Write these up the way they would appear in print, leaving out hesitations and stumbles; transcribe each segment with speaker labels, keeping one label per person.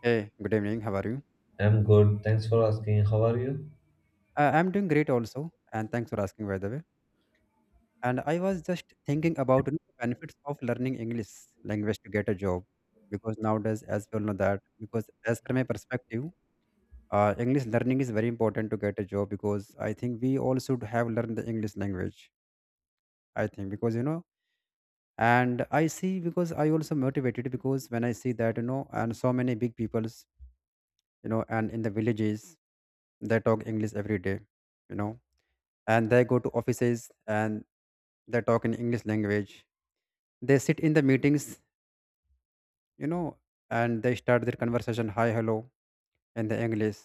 Speaker 1: Hey, good evening. How are you?
Speaker 2: I'm good. Thanks for asking. How are you?
Speaker 1: I'm doing great also, and thanks for asking, by the way. And I was just thinking about the benefits of learning English language to get a job, because nowadays, as we all know because as from my perspective, English learning is very important to get a job because I think we all should have learned the English language. I think and I see because I also motivated because when I see that and so many big peoples, and in the villages they talk English every day, you know and they go to offices and they talk in english language. They sit in the meetings, you know and they start their conversation, hi hello, in the english.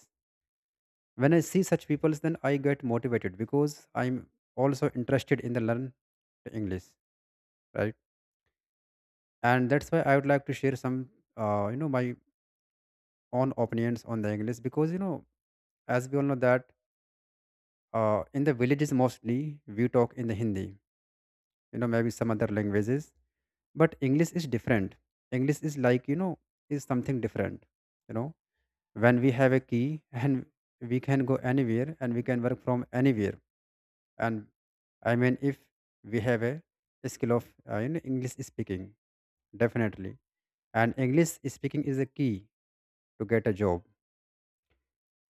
Speaker 1: When I see such people, then I get motivated because I'm also interested in the learn the english, right? And that's why I would like to share some my own opinions on the english because as we all know that in the villages mostly we talk in the hindi, maybe some other languages. But english is different. English is like is something different, you know? When we have a key and we can go anywhere and we can work from anywhere and if we have a skill of english speaking, definitely. And english speaking is a key to get a job.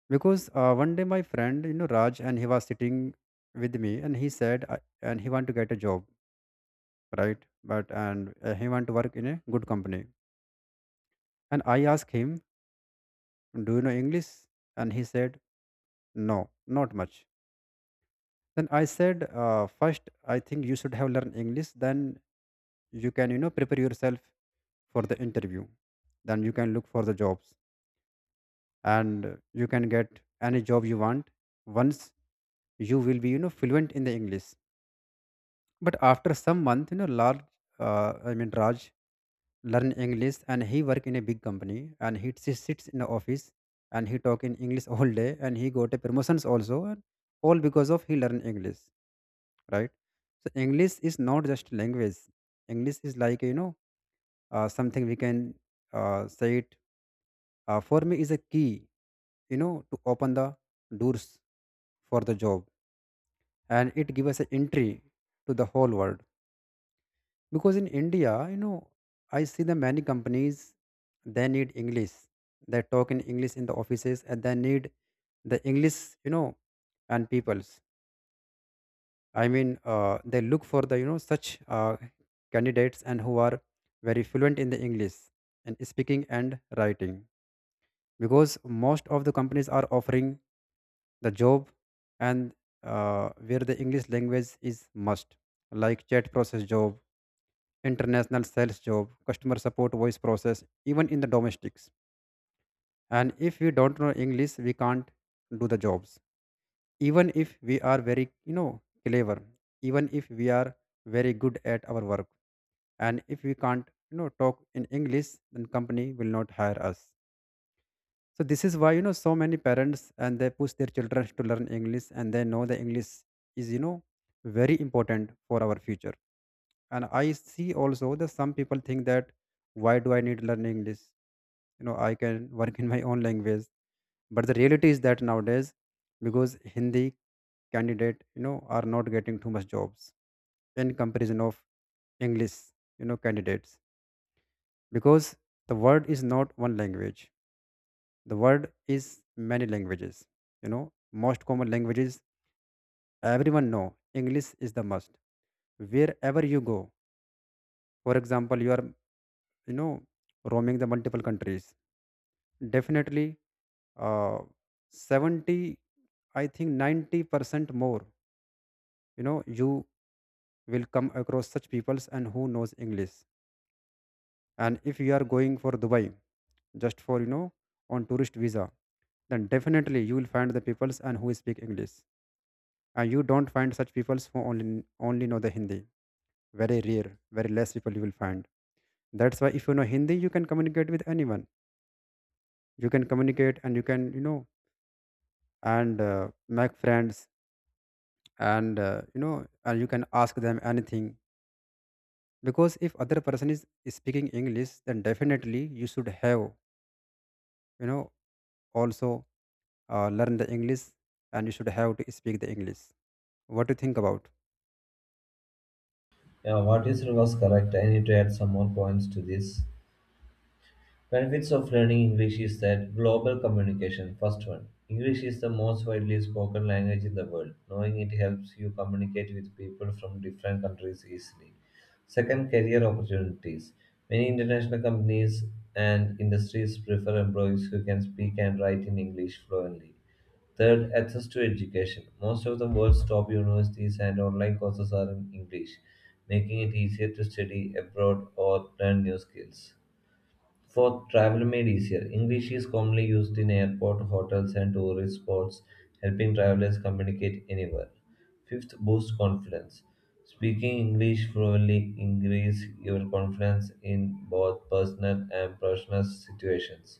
Speaker 1: Because 1 day my friend, raj, and he was sitting with me and he said and he want to get a job, right? But and he want to work in a good company. And I asked him, do you know English? And he said, no, not much. Then I said, first, I think you should have learned English. Then you can, prepare yourself for the interview. Then you can look for the jobs and you can get any job you want, once you will be, fluent in the English. But after some month, Raj learn English and he work in a big company and sits in the office and he talk in English all day and he got a promotions also, and all because of he learn English, right? So English is not just language. English is like, something we can say it, for me is a key, to open the doors for the job. And it give us an entry to the whole world. Because in india, I see the many companies, they need english. They talk in english in the offices and they need the english, you know? And peoples, they look for the you know such candidates and who are very fluent in the english and speaking and writing. Because most of the companies are offering the job and where the english language is must, like chat process job, international sales job, customer support voice process, even in the domestics. And if we don't know English, we can't do the jobs. Even if we are very, clever, even if we are very good at our work. And if we can't, talk in English, then company will not hire us. So this is why, so many parents and they push their children to learn English and they know the English is, very important for our future. And I see also that some people think that why do I need learning english. I can work in my own language. But the reality is that nowadays, because hindi candidate, are not getting too much jobs in comparison of english, candidates. Because the word is not one language. The word is many languages, you know? Most common languages, everyone know english is the must. Wherever you go, for example, you are, you know roaming the multiple countries, definitely uh, 70, I think 90% more, you will come across such peoples and who knows english. And if you are going for dubai, just for, on tourist visa, then definitely you will find the peoples and who speak english. And you don't find such peoples who only know the hindi. Very rare, very less people you will find. That's why if you know hindi you can communicate with anyone. You can communicate and you can, you know and make friends, and you can ask them anything. Because if other person is speaking english then definitely you should have, you know also learn the english and you should have to speak the english. What do you think about?
Speaker 2: Yeah, what you said was correct. I need to add some more points to this. Benefits of learning English is that global communication. First one, English is the most widely spoken language in the world. Knowing it helps you communicate with people from different countries easily. Second, career opportunities. Many international companies and industries prefer employees who can speak and write in English fluently. Third, access to education. Most of the world's top universities and online courses are in English, making it easier to study abroad or learn new skills. Fourth, travel made easier, English is commonly used in airport, hotels, and tourist spots, helping travelers communicate anywhere. Fifth, boost confidence. Speaking English fluently increase your confidence in both personal and professional situations.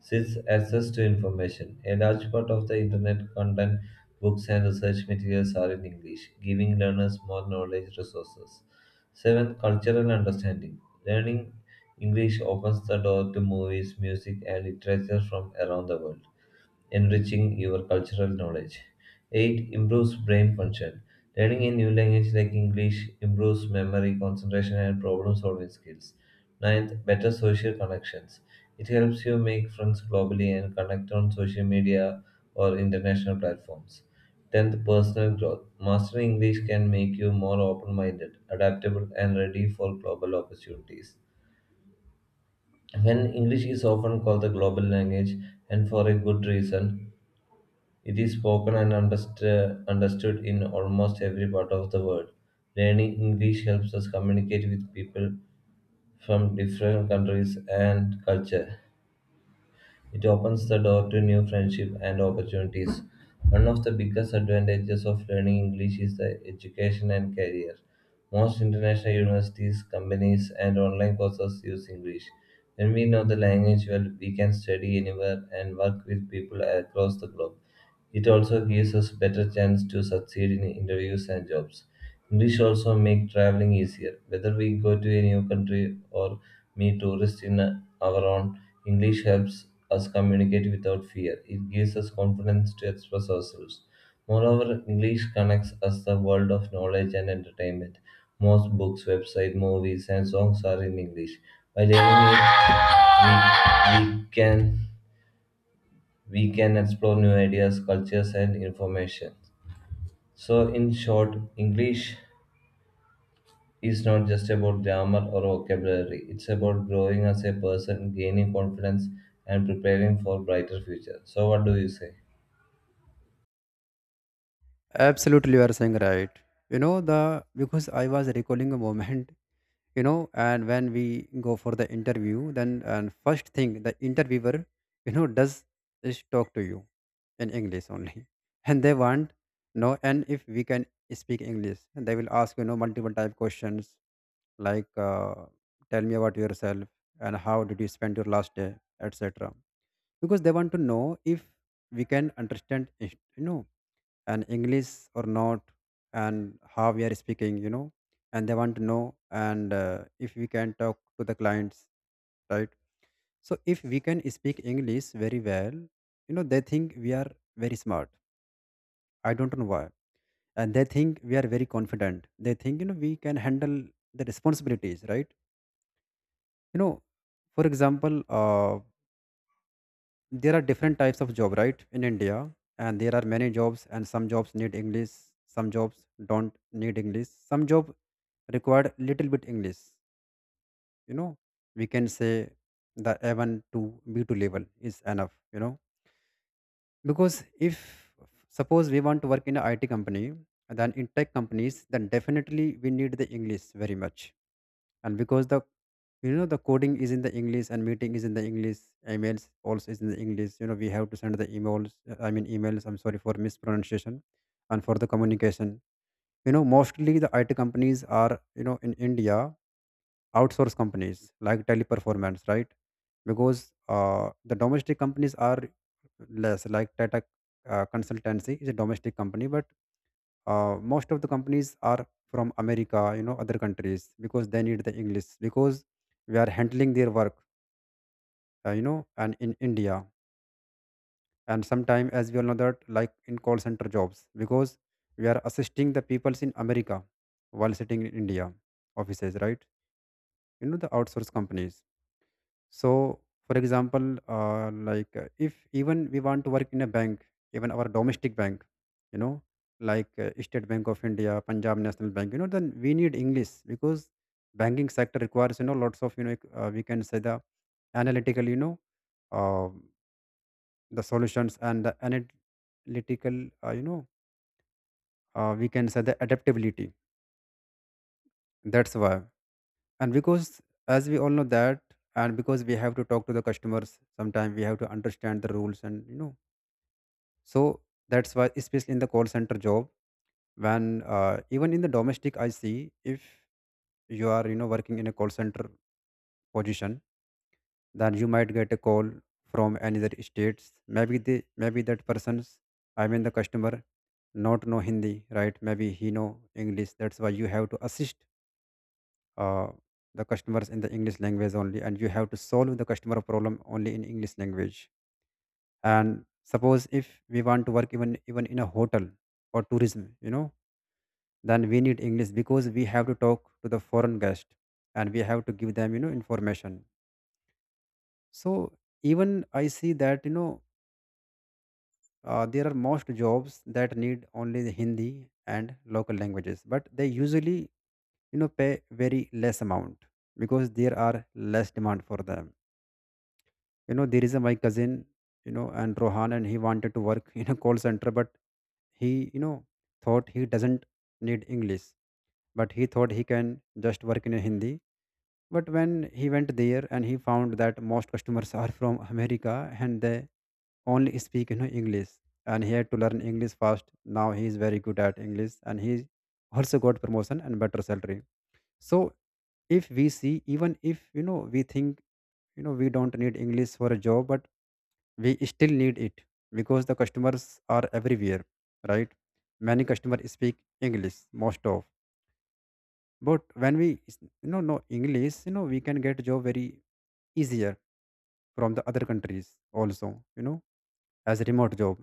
Speaker 2: Six, access to information. A large part of the internet content, books, and research materials are in English, giving learners more knowledge resources. Seven, cultural understanding. Learning English opens the door to movies, music, and literature from around the world enriching your cultural knowledge. Eighth. Improves brain function. Learning a new language like English improves memory, concentration, and problem solving skills. Ninth, better social connections. It helps you make friends globally and connect on social media or international platforms. 10th, personal growth. Mastering English can make you more open minded, adaptable, and ready for global opportunities. When English is often called the global language, and for a good reason, it is spoken and understood in almost every part of the world. Learning English helps us communicate with people from different countries and culture. It opens the door to new friendship and opportunities. One of the biggest advantages of learning English is the education and career. Most international universities, companies, and online courses use English. When we know the language well, we can study anywhere and work with people across the globe. It also gives us better chance to succeed in interviews and jobs. English also make traveling easier. Whether we go to a new country or meet tourists in our own, English helps us communicate without fear. It gives us confidence to express ourselves. Moreover, English connects us the world of knowledge and entertainment. Most books, websites, movies, and songs are in English. By learning it, we, we can we can explore new ideas, cultures, and information. So, in short, English is not just about grammar or vocabulary, it's about growing as a person, gaining confidence, and preparing for brighter future. So, what do you say?
Speaker 1: Absolutely, you are saying right, you know? The Because I was recalling a moment, and when we go for the interview, then and first thing the interviewer, does is talk to you in english only, and they want no, and if we can speak english, and they will ask, multiple type questions, like tell me about yourself, and how did you spend your last day, etc. Because they want to know if we can understand it, and english or not. And how we are speaking, you know? And they want to know and if we can talk to the clients, right? So if we can speak english very well, they think we are very smart. I don't know why. And they think we are very confident. They think, we can handle the responsibilities, right? You know, for example, uh, there are different types of job, right, in india. And there are many jobs, and some jobs need english, some jobs don't need english, some job required little bit english. You know, we can say the A1 to B2 level is enough, you know? Because if suppose we want to work in a it company, then in tech companies, then definitely we need the english very much. And because the you know the coding is in the english, and meeting is in the english, emails also is in the english. You know, we have to send the emails, emails, I'm sorry for mispronunciation. And for the communication, mostly the it companies are, in india outsource companies like teleperformance, right? Because the domestic companies are less, like tata consultancy is a domestic company. But most of the companies are from america, other countries, because they need the english, because we are handling their work, and in india. And sometime, as we all know that, like in call center jobs, because we are assisting the peoples in america while sitting in india offices, right? You know, the outsource companies. So, for example, if even we want to work in a bank, even our domestic bank, you know, like State Bank of India, Punjab National Bank, then we need English. Because banking sector requires, lots of, we can say the analytical, uh, the solutions, and the analytical, we can say the adaptability. That's why. And because, as we all know that, and because we have to talk to the customers, sometimes we have to understand the rules and you know. So that's why, especially in the call center job, when even in the domestic, I see, if you are, working in a call center position, then you might get a call from another states. maybe they Maybe that person's, the customer, not know hindi, right? Maybe he know english, that's why you have to assist uh, the customers in the english language only, and you have to solve the customer problem only in english language. And suppose if we want to work even in a hotel or tourism, you know? Then we need english, because we have to talk to the foreign guest, and we have to give them, information. So even I see that, there are most jobs that need only the hindi and local languages, but they usually, pay very less amount, because there are less demand for them. You know, there is a my cousin, and rohan, and he wanted to work in a call center, but he, thought he doesn't need english. But he thought he can just work in a hindi. But when he went there, and he found that most customers are from america, and they only speak, english. And he had to learn english fast. Now he is very good at english, and he also got promotion and better salary. So if we see, even if we think, we don't need English for a job, but we still need it because the customers are everywhere, right? Many customers speak English, most of. But when we know English, we can get job very easier from the other countries also, as a remote job.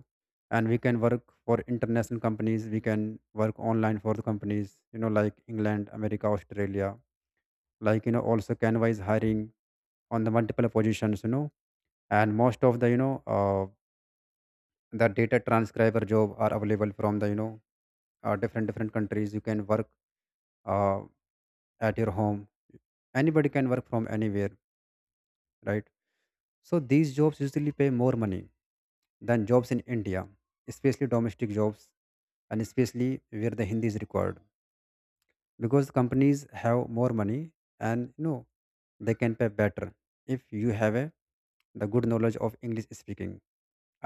Speaker 1: And we can work for international companies, we can work online for the companies like England, America, Australia. Also Canva is hiring on the multiple positions, and most of the you know the data transcriber job are available from the you know different different countries. You can work uh, at your home, anybody can work from anywhere, right? So these jobs usually pay more money than jobs in India, especially domestic jobs, and especially where the Hindi is required, because companies have more money and they can pay better if you have a the good knowledge of English speaking.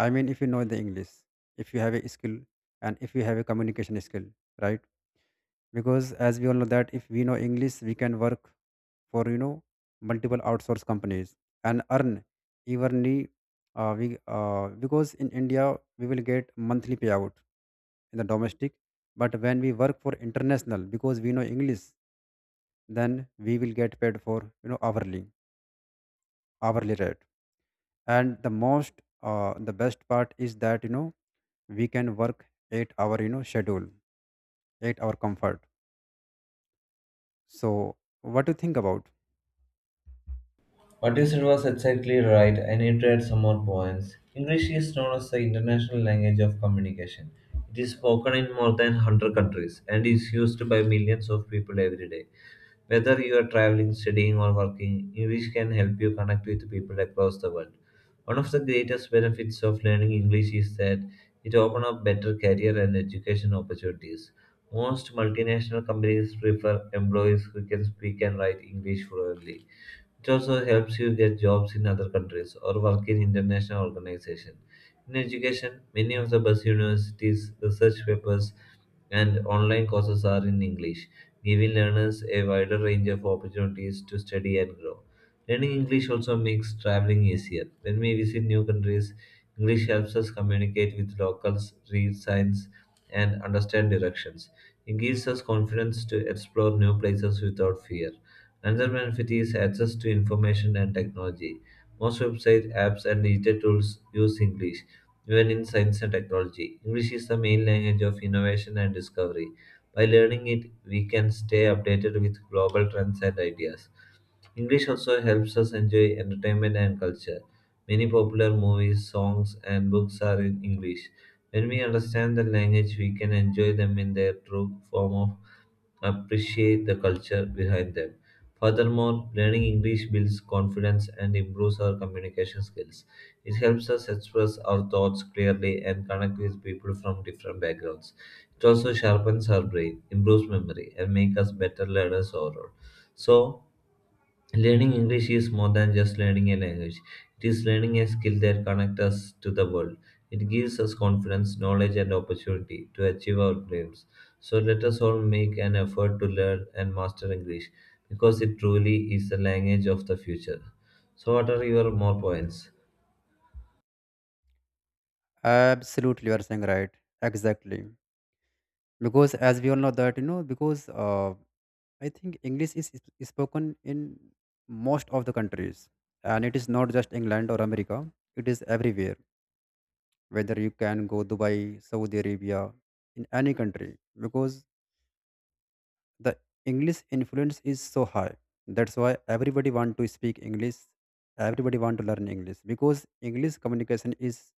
Speaker 1: I mean if you know the English, if you have a skill, and if you have a communication skill, right? Because as we all know that if we know English, we can work for multiple outsource companies and earn evenly. We because in India we will get monthly payout in the domestic, but when we work for international because we know English, then we will get paid for hourly hourly rate. And the most the best part is that we can work 8 hour schedule, 8-hour comfort. So what do you think about?
Speaker 2: What you said was exactly right. I need to add some more points. English is known as the international language of communication. It is spoken in more than 100 countries and is used by millions of people every day. Whether you are traveling, studying, or working, English can help you connect with people across the world. One of the greatest benefits of learning English is that it opens up better career and education opportunities. Most multinational companies prefer employees who can speak and write English fluently. It also helps you get jobs in other countries or work in international organizations. In education, many of the best universities, research papers, and online courses are in English, giving learners a wider range of opportunities to study and grow. Learning English also makes traveling easier. When we visit new countries, English helps us communicate with locals, read signs, and understand directions. It gives us confidence to explore new places without fear. Another benefit is access to information and technology. Most websites, apps, and digital tools use English, even in science and technology. English is the main language of innovation and discovery. By learning it, we can stay updated with global trends and ideas. English also helps us enjoy entertainment and culture. Many popular movies, songs, and books are in English. When we understand the language, we can enjoy them in their true form of appreciate the culture behind them. Furthermore, learning English builds confidence and improves our communication skills. It helps us express our thoughts clearly and connect with people from different backgrounds. It also sharpens our brain, improves memory, and makes us better learners overall. So, learning English is more than just learning a language. It is learning a skill that connects us to the world. It gives us confidence, knowledge, and opportunity to achieve our dreams. So let us all make an effort to learn and master English because it truly is the language of the future. So, what are your more points?
Speaker 1: Absolutely, you are saying right. Exactly. Because as we all know that, because I think English is, spoken in most of the countries. And it is not just England or America. It is everywhere. Whether you can go Dubai, Saudi Arabia, in any country. Because the English influence is so high. That's why everybody want to speak English. Everybody want to learn English. Because English communication is,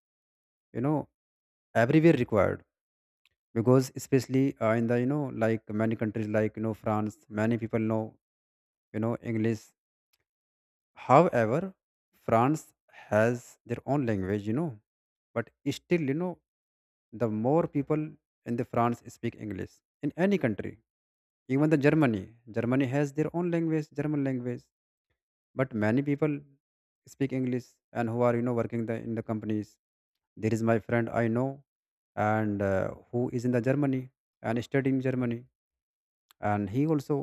Speaker 1: you know, everywhere required, because especially in the like many countries like France, many people know English. However France has their own language, but still, the more people in the France speak English in any country. Even the Germany, Germany has their own language, German language, but many people speak English and who are working in the companies. There is my friend I know, and who is in the Germany and studying Germany, and he also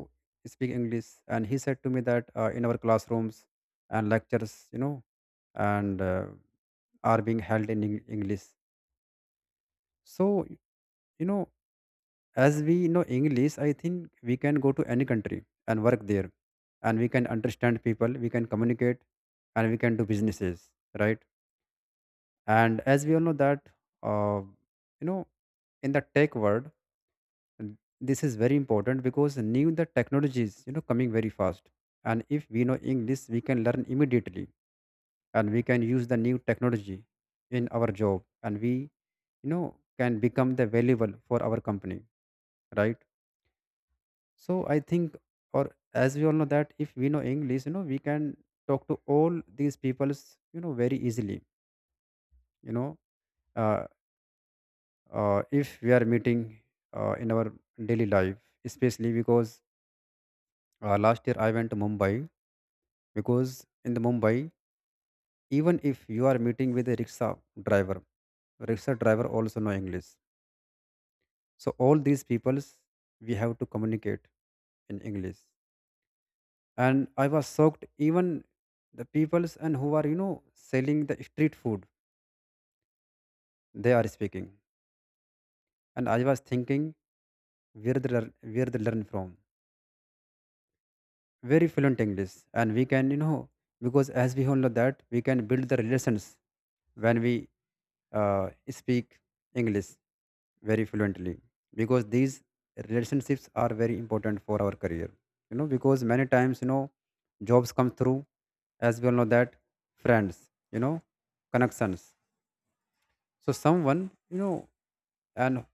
Speaker 1: speak English. And he said to me that in our classrooms and lectures and are being held in English. So you know as we know English, I think we can go to any country and work there, and we can understand people, we can communicate, and we can do businesses, right? And as we all know that uh, you know in the tech world. And this is very important because new the technology is coming very fast, and if we know English we can learn immediately and we can use the new technology in our job, and we know can become the valuable for our company, right? So I think, or as we all know that if we know English, we can talk to all these peoples very easily. you know uh, if we are meeting in our daily life, especially because last year I went to Mumbai. Because in the Mumbai, even if you are meeting with a driver, rickshaw driver also know English. So all these peoples we have to communicate in English. And I was shocked, even the peoples and who are selling the street food, they are speaking. And I was thinking where they learn from very fluent English. And we can because as we all know that we can build the relations when we speak English very fluently, because these relationships are very important for our career. Because many times, jobs come through, as we all know that, friends, connections. So someone, and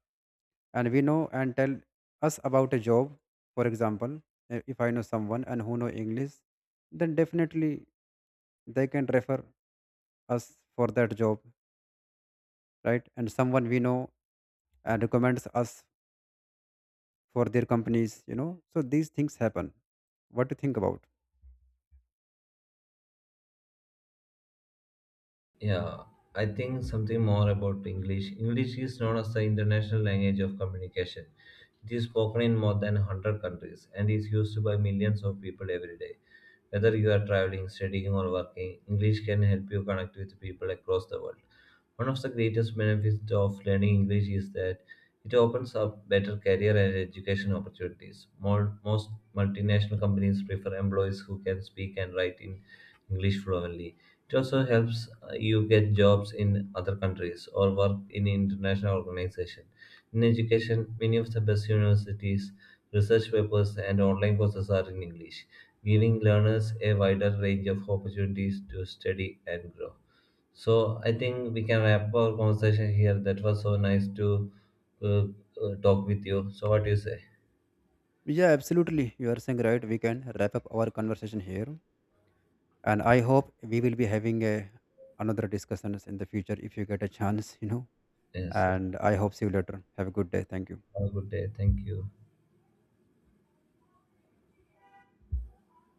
Speaker 1: and we know and tell us about a job, for example, eh, if I know someone and who know English, then definitely they can refer us for that job, right? And someone we know and recommends us for their companies, so these things happen. What to think about?
Speaker 2: Yeah, I think something more about English. English is known as the international language of communication. It is spoken in more than 100 countries and is used by millions of people every day. Whether you are traveling, studying, or working, English can help you connect with people across the world. One of the greatest benefits of learning English is that it opens up better career and education opportunities. Most multinational companies prefer employees who can speak and write in English fluently. It also helps you get jobs in other countries or work in international organizations. In education, many of the best universities, research papers, and online courses are in English giving learners a wider range of opportunities to study and grow. So I think we can wrap our conversation here. That was so nice to uh, talk with you. So what do you say?
Speaker 1: Yeah, absolutely, you are saying right. We can wrap up our conversation here, and I hope we will be having a another discussions in the future if you get a chance,
Speaker 2: Yes.
Speaker 1: and I hope see you later. Have a good day. Thank you.
Speaker 2: Have a good day. Thank you.